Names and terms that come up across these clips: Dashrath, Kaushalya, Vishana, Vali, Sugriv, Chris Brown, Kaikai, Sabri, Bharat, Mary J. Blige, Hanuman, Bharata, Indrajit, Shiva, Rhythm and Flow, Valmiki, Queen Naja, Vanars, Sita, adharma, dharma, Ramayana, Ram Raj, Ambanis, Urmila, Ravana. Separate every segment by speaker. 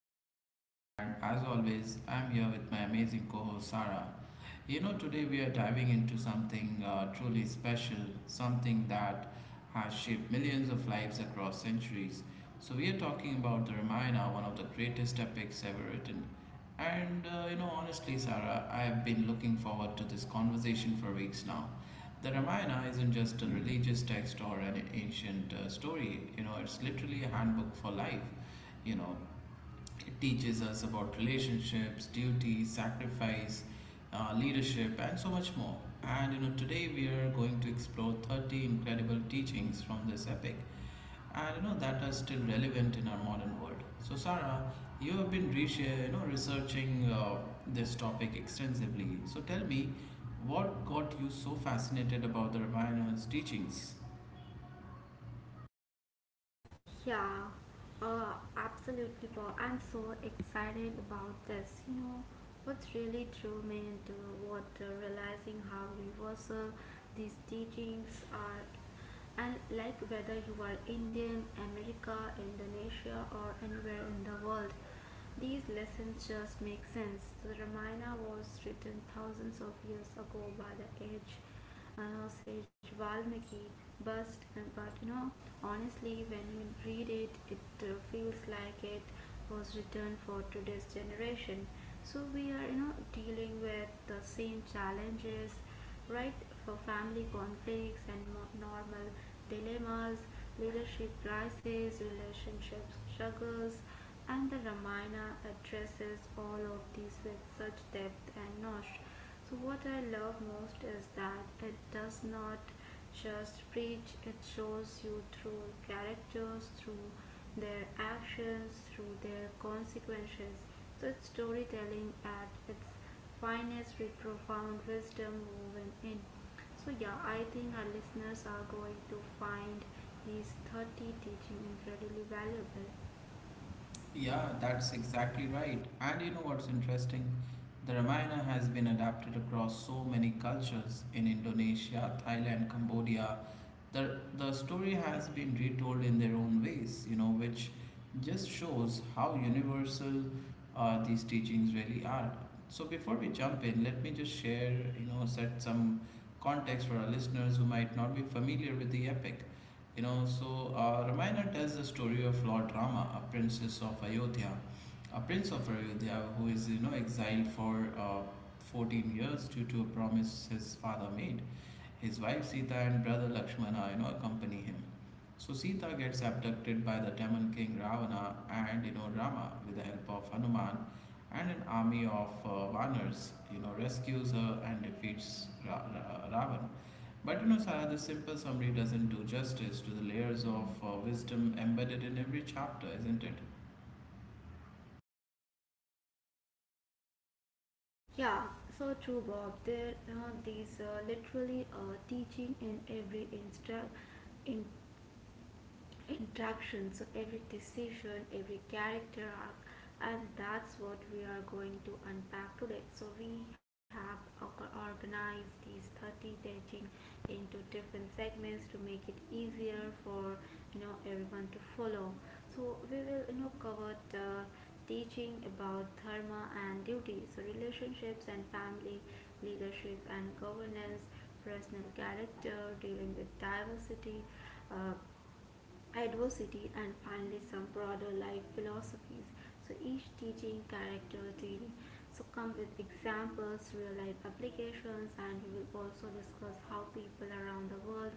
Speaker 1: I'm Bob, and as always, I'm here with my amazing co host Sarah. Today we are diving into something truly special, something that has shaped millions of lives across centuries. So we are talking about the Ramayana, one of the greatest epics ever written. Honestly, Sarah, I've been looking forward to this conversation for weeks now. The Ramayana isn't just a religious text or an ancient story. It's literally a handbook for life. You know, it teaches us about relationships, duty, sacrifice, leadership, and so much more. Today we are going to explore 30 incredible teachings from this epic and you know that are still relevant in our modern world. So Sarah, you have been researching this topic extensively. So tell me, what got you so fascinated about the Ramayana's teachings?
Speaker 2: Yeah, absolutely, Paul. I'm so excited about this. What's really drew me into what realizing how universal these teachings are, and like whether you are Indian, America, Indonesia, or anywhere in the world, these lessons just make sense. The Ramayana was written thousands of years ago by the age Sage Valmiki bust, and but you know, honestly, when you read it, it feels like it was written for today's generation. So we are dealing with the same challenges, right? For family conflicts and normal dilemmas, leadership crises, relationship struggles, and the Ramayana addresses all of these with such depth and nosh. So, what I love most is that it does not just preach, it shows you through characters, through their actions, through their consequences. So, it's storytelling at its finest with profound wisdom woven in. So, yeah, I think our listeners are going to find these 30 teachings incredibly valuable.
Speaker 1: Yeah, that's exactly right. And you know what's interesting? The Ramayana has been adapted across so many cultures in Indonesia, Thailand, Cambodia. The the story has been retold in their own ways, which just shows how universal these teachings really are. So before we jump in, let me just share, set some context for our listeners who might not be familiar with the epic. Ramayana tells the story of Lord Rama, a princess of Ayodhya, a prince of Ayodhya who is exiled for uh, 14 years due to a promise his father made. His wife Sita and brother Lakshmana, accompany him. So Sita gets abducted by the Demon king Ravana, and Rama, with the help of Hanuman and an army of Vanars, rescues her and defeats Ravan. But you know, Sarah, the simple summary doesn't do justice to the layers of wisdom embedded in every chapter, isn't it?
Speaker 2: Yeah, so true, Bob. There are these literally teaching in every instru- in interaction, so every decision, every character arc, and that's what we are going to unpack today. So we have organized these 30 teaching into different segments to make it easier for everyone to follow. So we will cover the teaching about dharma and duty, so relationships and family, leadership and governance, personal character, dealing with diversity, uh, adversity, and finally some broader life philosophies. So each teaching character theory so come with examples, real life applications, and we will also discuss how people around the world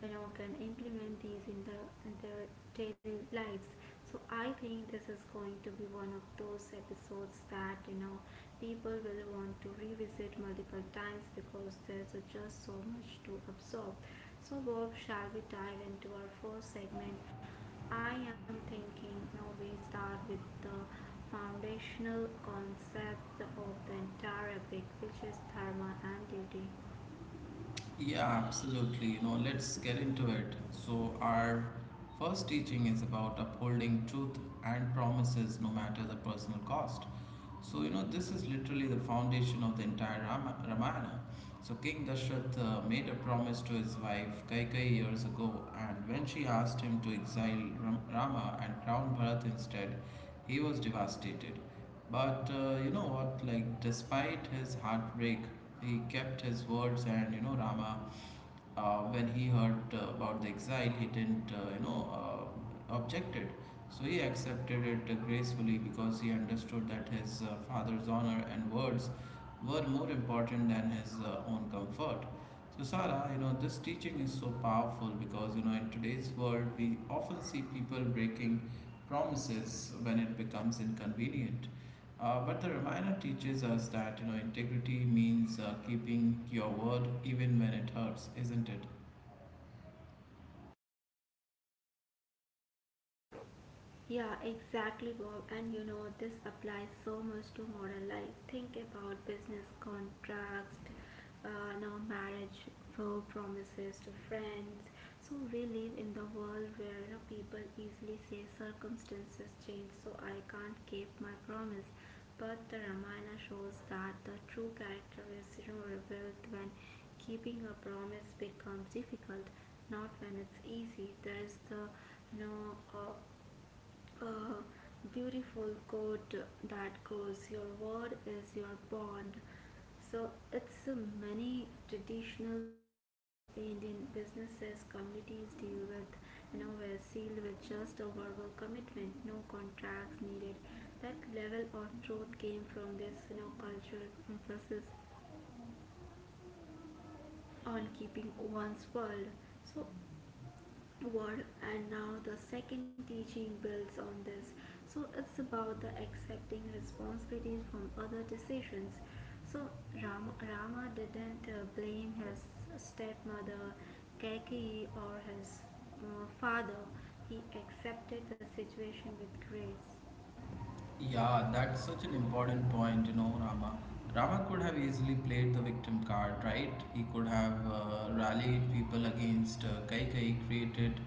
Speaker 2: can implement these in their daily lives. So I think this is going to be one of those episodes that people will want to revisit multiple times because there's just so much to absorb. So, Bob, shall we dive into our first segment? I am thinking now we start with the foundational concept of the entire epic, which is dharma and duty.
Speaker 1: Yeah, absolutely. You know, let's get into it. So our first teaching is about upholding truth and promises no matter the personal cost. So, you know, this is literally the foundation of the entire Ramayana. So King Dashrath made a promise to his wife Kaikai years ago, and when she asked him to exile Rama and crown Bharat instead, he was devastated. But you know what? Like, despite his heartbreak, he kept his words, and you know, Rama, when he heard about the exile, he didn't, objected. So he accepted it gracefully because he understood that his father's honor and words were more important than his own comfort. So Sarah, you know, this teaching is so powerful because you know in today's world we often see people breaking promises when it becomes inconvenient. But the reminder teaches us that you know integrity means keeping your word even when it hurts, isn't it?
Speaker 2: Yeah, exactly, Bob. And you know, this applies so much to modern life. Think about business contracts, now marriage vow promises to friends. So we live in the world where people easily say circumstances change, so I can't keep my promise. But the Ramayana shows that the true character is revealed when keeping a promise becomes difficult, not when it's easy. There is the you know. A beautiful quote that goes your word is your bond, so it's many traditional Indian businesses communities deal with were sealed with just a verbal commitment, no contracts needed. That level of truth came from this cultural emphasis on keeping one's so word. And now the second teaching builds on this. So it's about the accepting responsibilities from other decisions. So Rama didn't blame his stepmother Kaki or his father. He accepted the situation with grace.
Speaker 1: Yeah, that's such an important point, you know, Rama. Rama could have easily played the victim card, right? He could have rallied people against Kaikai, created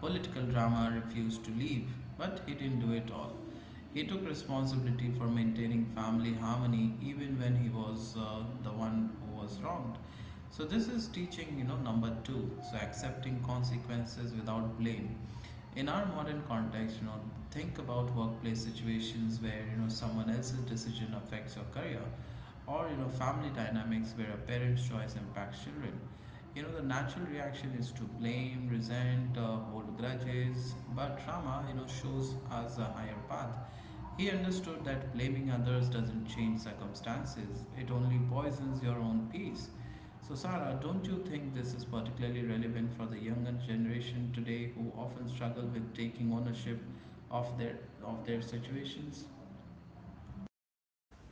Speaker 1: political drama, refused to leave, but he didn't do it all. He took responsibility for maintaining family harmony even when he was the one who was wronged. So this is teaching, you know, number two. So accepting consequences without blame in our modern context, you know, think about workplace situations where you know someone else's decision affects your career, or you know family dynamics where a parent's choice impacts children. You know, the natural reaction is to blame, resent, hold grudges, but Rama, you know, shows us a higher path. He understood that blaming others doesn't change circumstances, it only poisons your own peace. So, Sarah, don't you think this is particularly relevant for the younger generation today who often struggle with taking ownership of their, of their situations?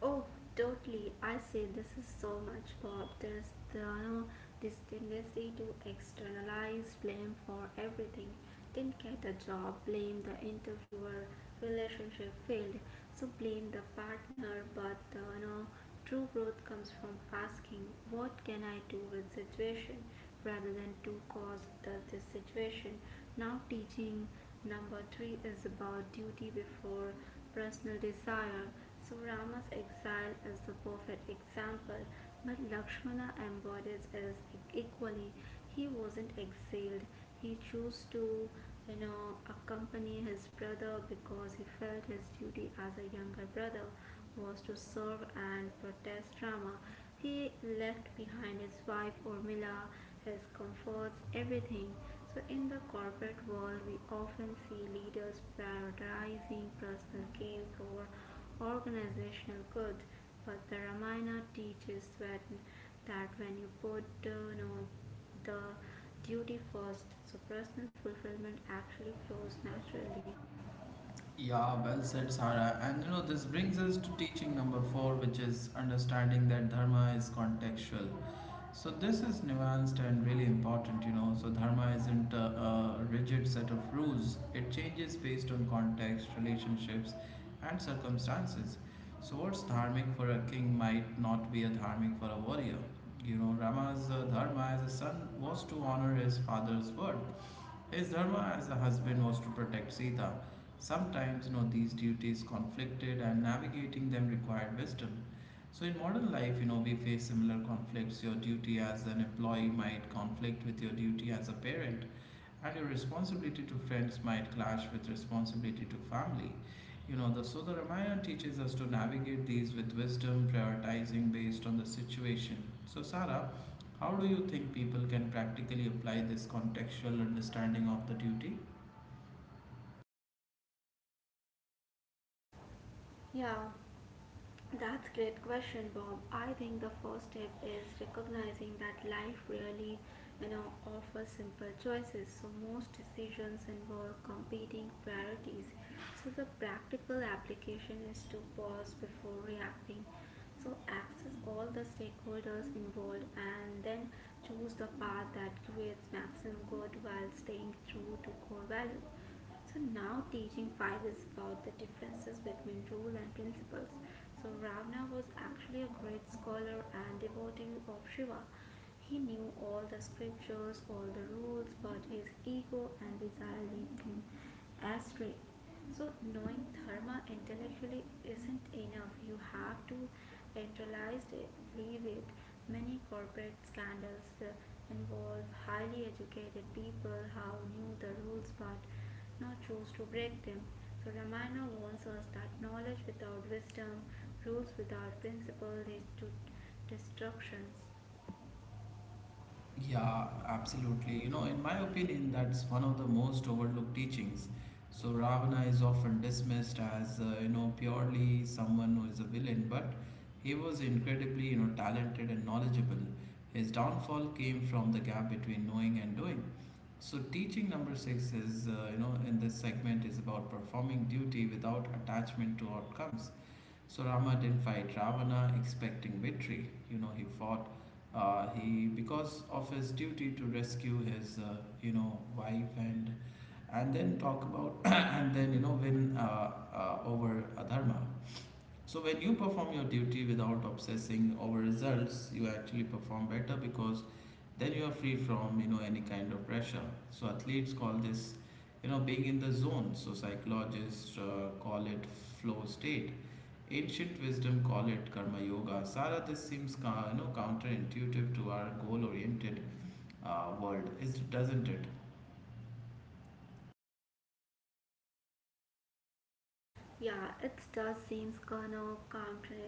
Speaker 2: Oh, totally. I say this is so much, Bob. There's this tendency to externalize blame for everything. Didn't get a job, blame the interviewer. Relationship failed, so blame the partner. But true growth comes from asking, what can I do with situation, rather than to cause this situation. Now, teaching number three is about duty before personal desire. So, Rama's exile is the perfect example, but Lakshmana embodies it equally. He wasn't exiled, he chose to accompany his brother because he felt his duty as a younger brother was to serve and protest Rama. He left behind his wife Urmila, his comforts, everything. So, in the corporate world, we often see leaders prioritizing personal gains over organizational good. But the Ramayana teaches that when you put the duty first, so personal fulfillment actually flows naturally.
Speaker 1: Yeah, well said, Sarah. And you know, this brings us to teaching number four, which is understanding that dharma is contextual. So this is nuanced and really important, you know. So dharma isn't a rigid set of rules, it changes based on context, relationships, and circumstances. So what's dharmic for a king might not be a dharmic for a warrior. You know, Rama's dharma as a son was to honor his father's word, his dharma as a husband was to protect Sita. Sometimes, you know, these duties conflicted and navigating them required wisdom. So in modern life, you know, we face similar conflicts. Your duty as an employee might conflict with your duty as a parent, and your responsibility to friends might clash with responsibility to family. You know, the Ramayana teaches us to navigate these with wisdom, prioritizing based on the situation. So Sarah, how do you think people can practically apply this contextual understanding of the duty?
Speaker 2: Yeah, that's great question, Bob. I think the first step is recognizing that life really, offers simple choices. So most decisions involve competing priorities. So the practical application is to pause before reacting. So access all the stakeholders involved and then choose the path that creates maximum good while staying true to core value. So now teaching 5 is about the differences between rule and principles. So Ravana was actually a great scholar and devotee of Shiva. He knew all the scriptures, all the rules, but his ego and desire lead him astray. So, knowing dharma intellectually isn't enough. You have to intellectualize it, live it. Many corporate scandals involve highly educated people who knew the rules but not choose to break them. So, Ramayana warns us that knowledge without wisdom, rules without principle lead to destructions.
Speaker 1: Yeah, absolutely. You know, in my opinion, that's one of the most overlooked teachings. So Ravana is often dismissed as, you know, purely someone who is a villain, but he was incredibly, you know, talented and knowledgeable. His downfall came from the gap between knowing and doing. So teaching number six is, you know, in this segment is about performing duty without attachment to outcomes. So Rama didn't fight Ravana expecting victory. You know, he fought. He, because of his duty to rescue his, you know, wife, and then talk about and then you know win over adharma. So when you perform your duty without obsessing over results, you actually perform better, because then you are free from you know any kind of pressure. So athletes call this, you know, being in the zone. So psychologists call it flow state. Ancient wisdom call it karma yoga. Sara, this seems you know counterintuitive to our goal-oriented world, is doesn't it?
Speaker 2: Yeah, it does seems kind of counter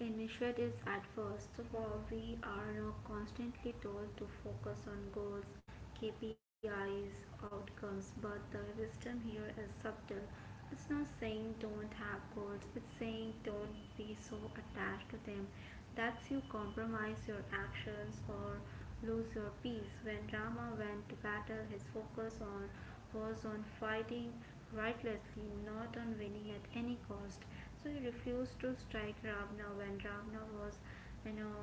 Speaker 2: initiatives at first. While we are now constantly told to focus on goals, KPIs, outcomes, but the wisdom here is subtle. It's not saying don't have goals, it's saying don't be so attached to them that you compromise your actions or lose your peace. When Rama went to battle, his focus on was on fighting rightlessly, not on winning at any cost. So he refused to strike Ravana when Ravana was, you know,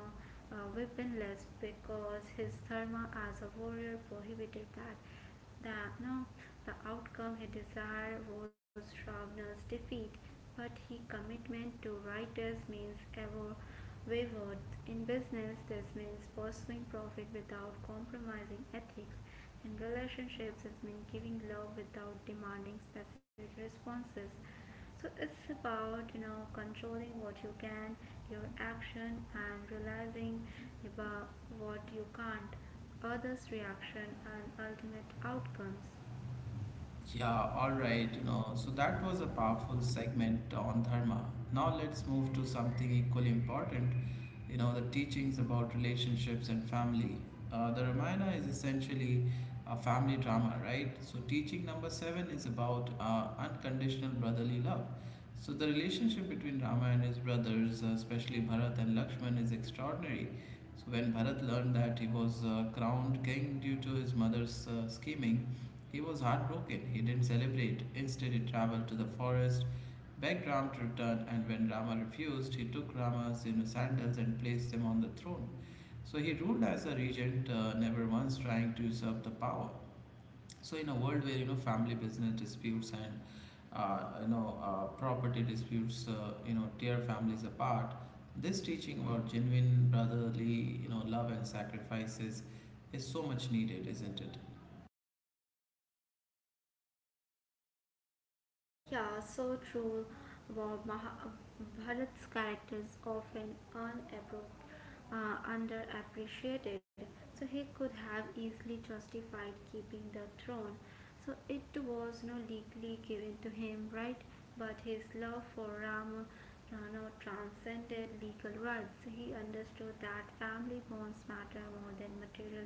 Speaker 2: weaponless, because his dharma as a warrior prohibited that. That no, the outcome he desired was Ravana's defeat, but his commitment to righteous means ever wayward. In business, this means pursuing profit without compromising ethics. In relationships, it means giving love without demanding specific responses. So it's about controlling what you can, your action, and realizing about what you can't, others' reaction, and ultimate outcomes.
Speaker 1: Yeah, all right, you know. So that was a powerful segment on dharma. Now let's move to something equally important, you know, the teachings about relationships and family. The Ramayana is essentially a family drama, right? So teaching number seven is about unconditional brotherly love. So the relationship between Rama and his brothers, especially Bharat and Lakshman, is extraordinary. So when Bharat learned that he was crowned king due to his mother's scheming, he was heartbroken. He didn't celebrate. Instead, he traveled to the forest, begged Ram to return, and when Rama refused, he took Rama's, you know, sandals and placed them on the throne. So he ruled as a regent, never once trying to usurp the power. So in a world where you know family business disputes and property disputes you know tear families apart, this teaching about genuine brotherly, you know, love and sacrifices is so much needed, isn't it?
Speaker 2: Yeah, so true. About Bharat's characters often underappreciated, so he could have easily justified keeping the throne. So it was not legally given to him, right? But his love for Ram Rana transcended legal rights. He understood that family bonds matter more than material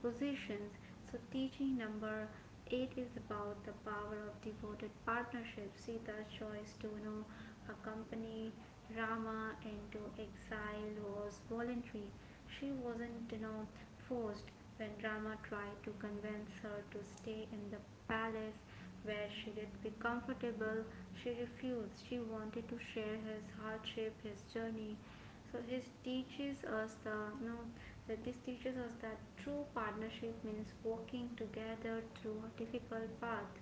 Speaker 2: positions. So, teaching number eight is about the power of devoted partnership. Sita's choice to accompany Rama into exile was voluntary. She wasn't forced when Rama tried to convince her to stay in the palace where she did be comfortable. She refused. She wanted to share his hardship, his journey, so his teaches us the no that this teaches us that true partnership means working together through a difficult path.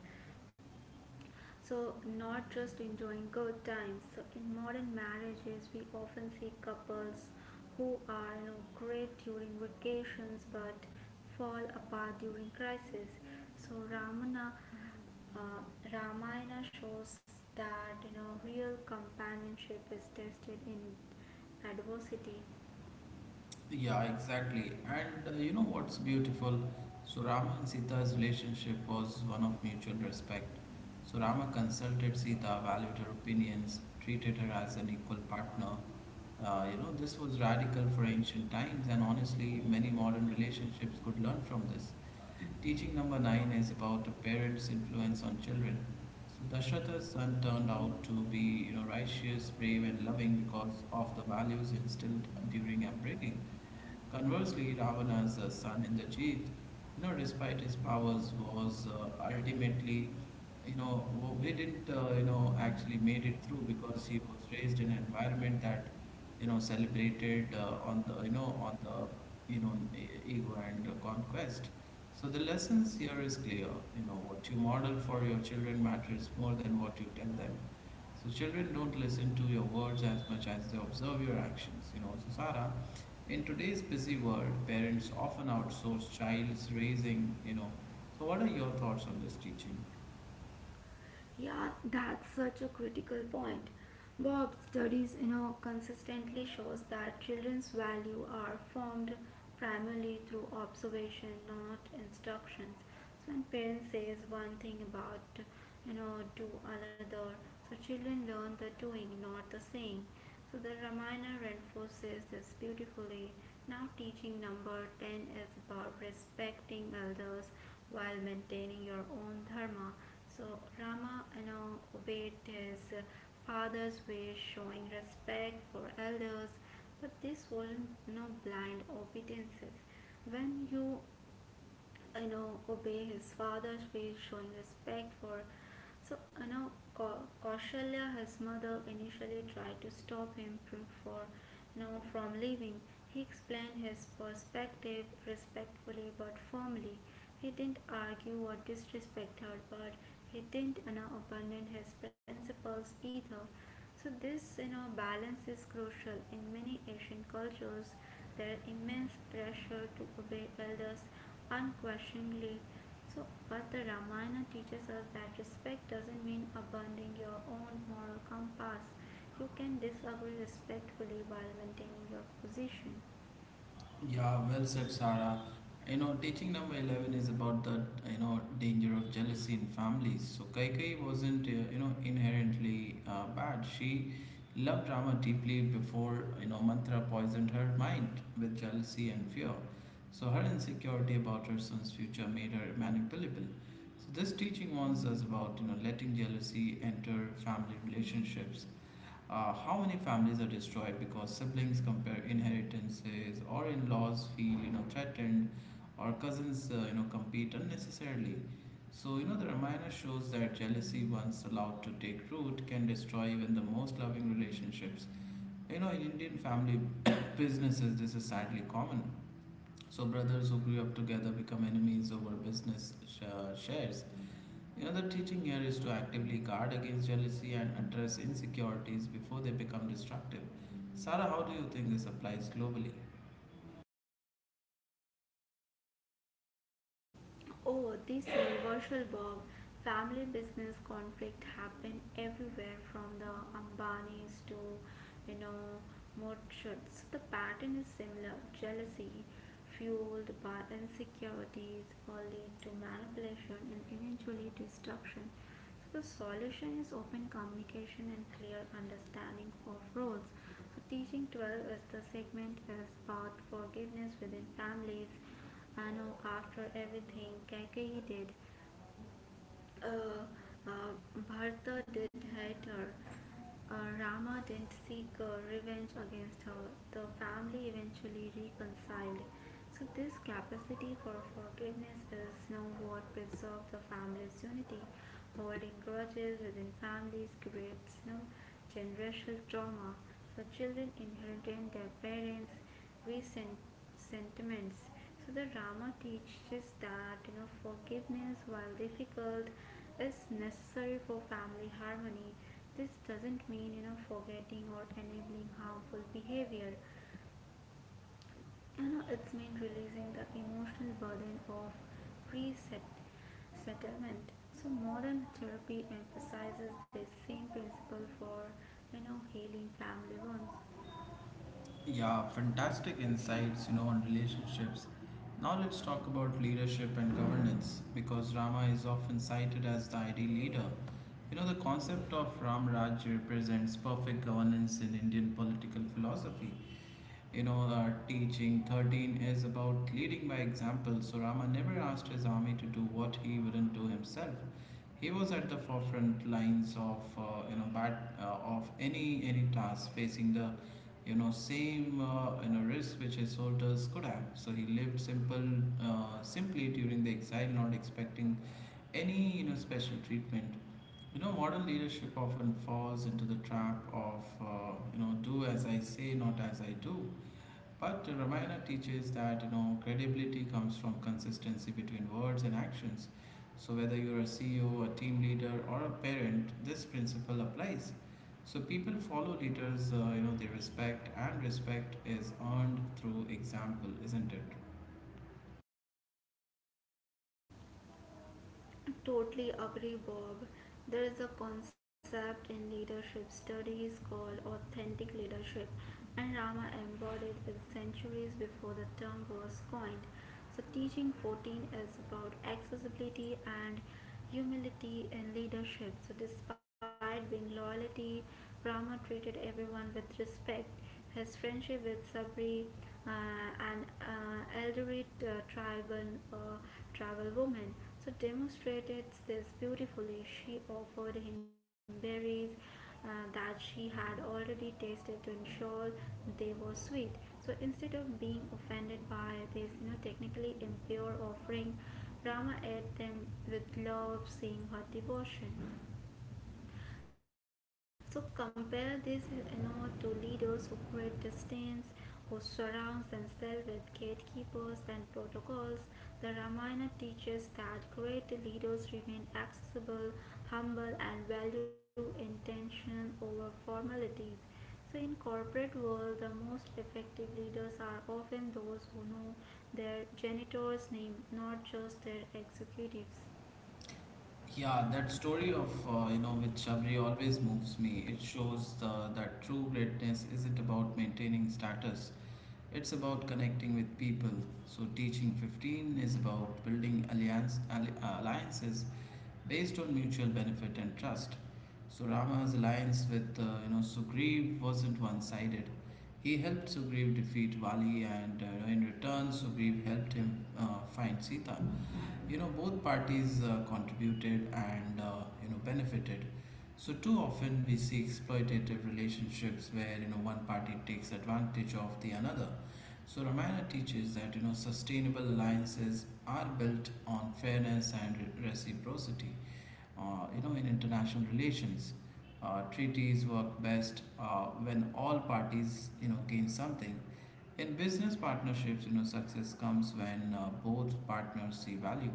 Speaker 2: So not just enjoying good times. So in modern marriages we often see couples who are great during vacations but fall apart during crisis. So Ramana uh, Ramayana shows that real companionship is tested in adversity.
Speaker 1: Yeah, exactly. And you know what's beautiful? So Rama and Sita's relationship was one of mutual respect. So Rama consulted Sita, valued her opinions, treated her as an equal partner. You know, this was radical for ancient times, and honestly, many modern relationships could learn from this. Teaching number nine is about a parent's influence on children. So Dashratha's son turned out to be, you know, righteous, brave, and loving because of the values instilled during upbringing. Conversely, Ravana's son Indrajit, you know, despite his powers, was ultimately, he didn't, actually made it through because he was raised in an environment that, celebrated on the, you know, on the, you know, e- ego and conquest. So the lessons here is clear. You know, what you model for your children matters more than what you tell them. So children don't listen to your words as much as they observe your actions. You know, so Sarah, in today's busy world, parents often outsource child's raising, you know. So what are your thoughts on this teaching?
Speaker 2: Yeah, that's such a critical point. Bob's studies, consistently shows that children's value are formed primarily through observation, not instructions. So when parents says one thing about, do another, so children learn the doing, not the saying. So the Ramayana reinforces this beautifully. Now teaching number 10 is about respecting elders while maintaining your own dharma. So Rama along obeyed his father's wish, showing respect for elders, but this wasn't no blind obedience. When you know obey his father's wish showing respect for so Kausalya his mother initially tried to stop him from for you know from leaving. He explained his perspective respectfully but firmly. He didn't argue or disrespect her, but he didn't abandon his principles either. So this balance is crucial in many Asian cultures. There is immense pressure to obey elders unquestioningly. So but the Ramayana teaches us that respect doesn't mean abandoning your own moral compass. You can disagree respectfully while maintaining your position.
Speaker 1: Yeah, well said, Sarah. You know, teaching number 11 is about the, you know, danger of jealousy in families. So Kaikai wasn't, you know, inherently bad. She loved Rama deeply before, you know, Mantra poisoned her mind with jealousy and fear. So her insecurity about her son's future made her manipulable. So this teaching warns us about, you know, letting jealousy enter family relationships. How many families are destroyed because siblings compare inheritances, or in-laws feel you know threatened, or cousins you know compete unnecessarily? So you know the Ramayana shows that jealousy, once allowed to take root, can destroy even the most loving relationships. You know, in Indian family businesses this is sadly common. So brothers who grew up together become enemies over business shares. Another teaching here is to actively guard against jealousy and address insecurities before they become destructive. Sarah, how do you think this applies globally?
Speaker 2: Oh, this universal verb, family business conflict happen everywhere from the Ambanis to, you know, Motshuts. So the pattern is similar. Jealousy fueled by insecurities will lead to manipulation and eventually destruction. So the solution is open communication and clear understanding of roles. So teaching 12 is the segment is about forgiveness within families. I know after everything Keke did, uh, uh, Bharata did hate her. Rama didn't seek revenge against her. The family eventually reconciled. So, this capacity for forgiveness is now what preserves the family's unity. Holding grudges within families creates no generational trauma. So, children inherit their parents' recent sentiments. So, the Rama teaches that forgiveness, while difficult, is necessary for family harmony. This doesn't mean forgetting or enabling harmful behavior. It's mean releasing the emotional burden of reset settlement, so modern therapy emphasizes this same principle for healing family wounds.
Speaker 1: Yeah, fantastic insights, on relationships. Now let's talk about leadership and governance because Rama is often cited as the ideal leader. The concept of Ram Raj represents perfect governance in Indian political philosophy. Our teaching 13 is about leading by example. So Rama never asked his army to do what he wouldn't do himself. He was at the forefront lines of you know bat of any task facing the same risk which his soldiers could have. So he lived simple simply during the exile, not expecting any special treatment. Modern leadership often falls into the trap of do as I say, not as I do, but Ramayana teaches that credibility comes from consistency between words and actions. So whether you're a CEO, a team leader, or a parent, this principle applies. So people follow leaders, they respect, and respect is earned through example, isn't it?
Speaker 2: Totally agree, Bob. There is a concept in leadership studies called authentic leadership, and Rama embodied it centuries before the term was coined. So, teaching 14 is about accessibility and humility in leadership. So, despite being loyalty, Rama treated everyone with respect. His friendship with Sabri, uh, an elderly uh, tribal woman, so demonstrated this beautifully. She offered him berries uh, that she had already tasted to ensure they were sweet. So instead of being offended by this, technically impure offering, Rama ate them with love, seeing her devotion. So compare this, to leaders who create distance, who surrounds themselves with gatekeepers and protocols. The Ramayana teaches that great leaders remain accessible, humble, and value intention over formalities. So in corporate world, the most effective leaders are often those who know their janitor's name, not just their executives.
Speaker 1: Yeah, that story of with Shabri always moves me. It shows that true greatness isn't about maintaining status. It's about connecting with people. So, teaching 15 is about building alliances based on mutual benefit and trust. So, Rama's alliance with Sugriv wasn't one sided. He helped Sugriv defeat Vali, and in return, Sugriv helped him find Sita. You know, both parties contributed and benefited. So too often we see exploitative relationships where one party takes advantage of the another. So Ramayana teaches that sustainable alliances are built on fairness and reciprocity. You know, in international relations treaties work best when all parties gain something. In business partnerships, success comes when both partners see value.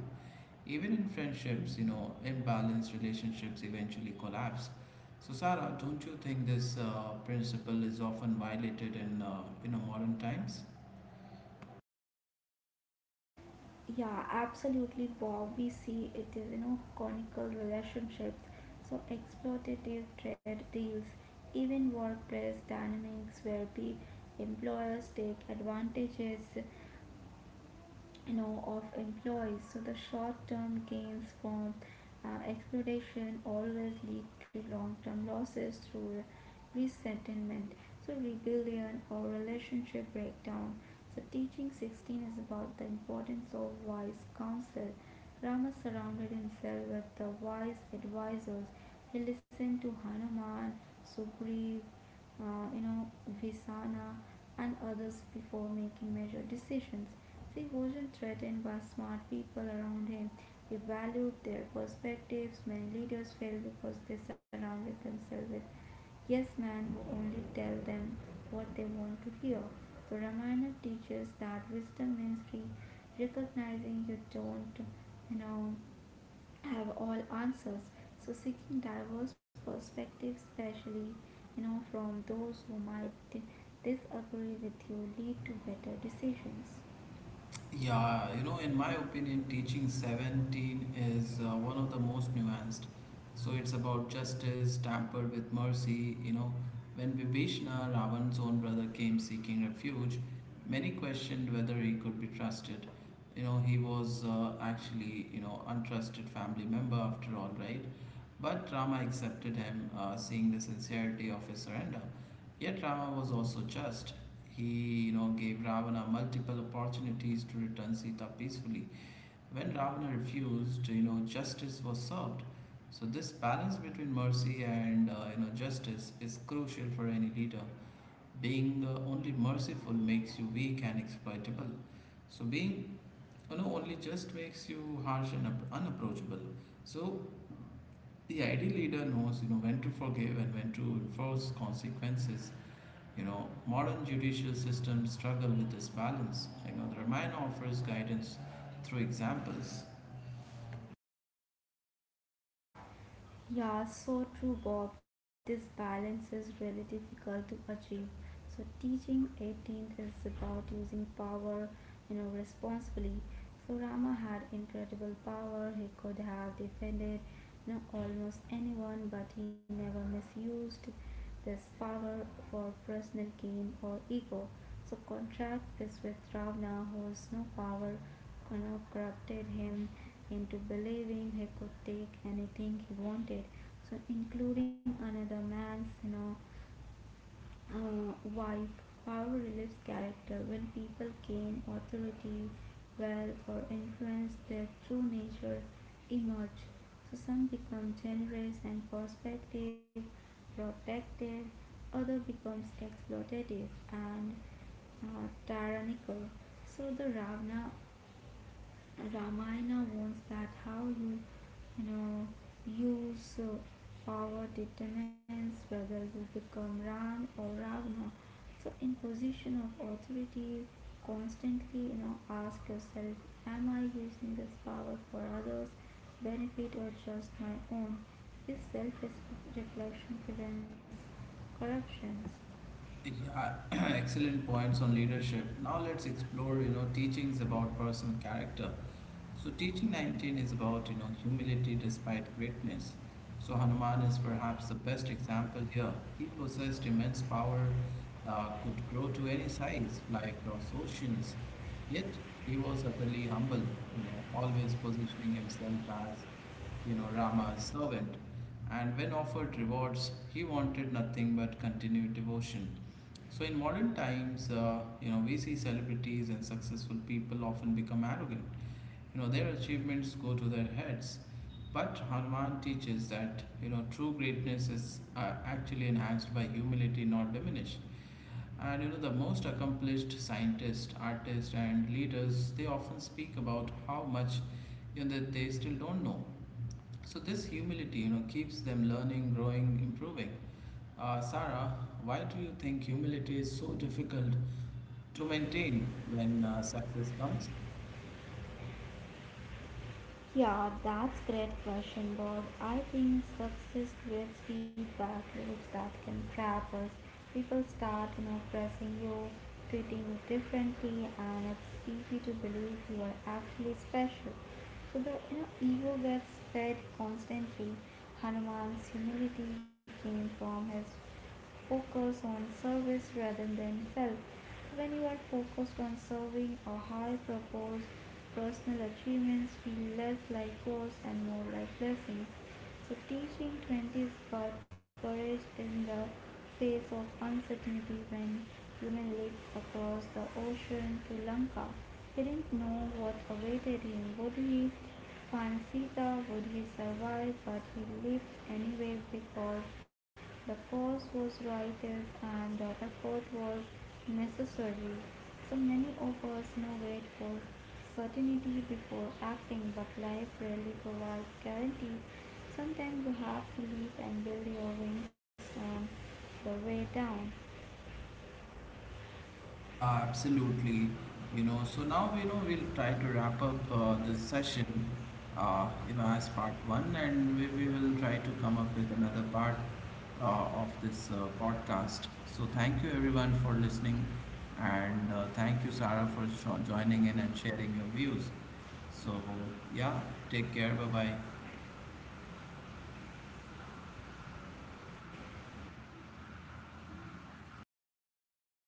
Speaker 1: Even in friendships, imbalanced relationships eventually collapse. So, Sarah, don't you think this principle is often violated in modern times?
Speaker 2: Yeah, absolutely, Bob. We see it is, conical relationships, so exploitative trade deals, even workplace dynamics where the employers take advantages of employees, so the short term gains from exploitation always lead to long term losses through resentment, so rebellion or relationship breakdown. So teaching 16 is about the importance of wise counsel. Rama surrounded himself with the wise advisors. He listened to Hanuman, Sugriv, uh, you know, Visana, and others before making major decisions. He wasn't threatened by smart people around him. He valued their perspectives. Many leaders fail because they surrounded themselves with yes men who only tell them what they want to hear. So Ramayana teaches that wisdom means recognizing you don't, you know, have all answers. So seeking diverse perspectives, especially from those who might disagree with you, lead to better decisions.
Speaker 1: Yeah, in my opinion, teaching 17 is one of the most nuanced. So it's about justice tampered with mercy. You know, when Vibhishna, Ravan's own brother, came seeking refuge, many questioned whether he could be trusted. You know, he was actually, untrusted family member after all, right? But Rama accepted him, seeing the sincerity of his surrender. Yet Rama was also just. He, gave Ravana multiple opportunities to return Sita peacefully. When Ravana refused, justice was served. So this balance between mercy and justice is crucial for any leader. Being only merciful makes you weak and exploitable. So being only just makes you harsh and unapproachable. So the ideal leader knows, when to forgive and when to enforce consequences. You know, modern judicial systems struggle with this balance. You know, the Ramayana offers guidance through examples.
Speaker 2: Yeah, so true, Bob. This balance is really difficult to achieve. So teaching 18th is about using power, responsibly. So Rama had incredible power. He could have defended, almost anyone, but he never misused this power for personal gain or ego. So contrast this with Ravana, whose no power kind of corrupted him into believing he could take anything he wanted. So including another man's wife. Power relieves character when people gain authority, wealth or influence, their true nature emerge. So some become generous and perspective protective, other becomes exploitative and tyrannical. So the ravana Ramayana warns that how you, you know, use power determines whether you become Ram or Ravana. So, in position of authority, constantly, ask yourself, am I using this power for others' benefit or just my own? This self-reflection prevents corruptions.
Speaker 1: Yeah, excellent points on leadership. Now let's explore, teachings about personal character. So teaching 19 is about, humility despite greatness. So Hanuman is perhaps the best example here. He possessed immense power, could grow to any size, fly across oceans. Yet he was utterly humble, always positioning himself as Rama's servant, and when offered rewards, he wanted nothing but continued devotion. So, in modern times, we see celebrities and successful people often become arrogant. You know, their achievements go to their heads. But Hanuman teaches that, true greatness is actually enhanced by humility, not diminished. And, the most accomplished scientists, artists, and leaders, they often speak about how much that they still don't know. So this humility, keeps them learning, growing, improving. Sarah, why do you think humility is so difficult to maintain when success comes?
Speaker 2: Yeah, that's great question, Bob. I think success creates feedback loops that can trap us. People start, pressing you, treating you differently, and it's easy to believe you are actually special. So the ego gets fed constantly. Hanuman's humility came from his focus on service rather than self. So when you are focused on serving a high purpose, personal achievements feel less like chores and more like blessings. So, teaching 20 is about courage in the face of uncertainty when human leaped across the ocean to Lanka. He didn't know what awaited him. Would he find Sita? Would he survive? But he lived anyway because the cause was righteous and the effort was necessary. So many of us now wait for certainty before acting, but life rarely provides guarantees. Sometimes you have to leap and build your wings on the way down.
Speaker 1: Yeah, absolutely. So now we'll try to wrap up this session, as part one, and we will try to come up with another part of this podcast. So thank you everyone for listening, and thank you Sarah for joining in and sharing your views. So yeah, take care. Bye bye.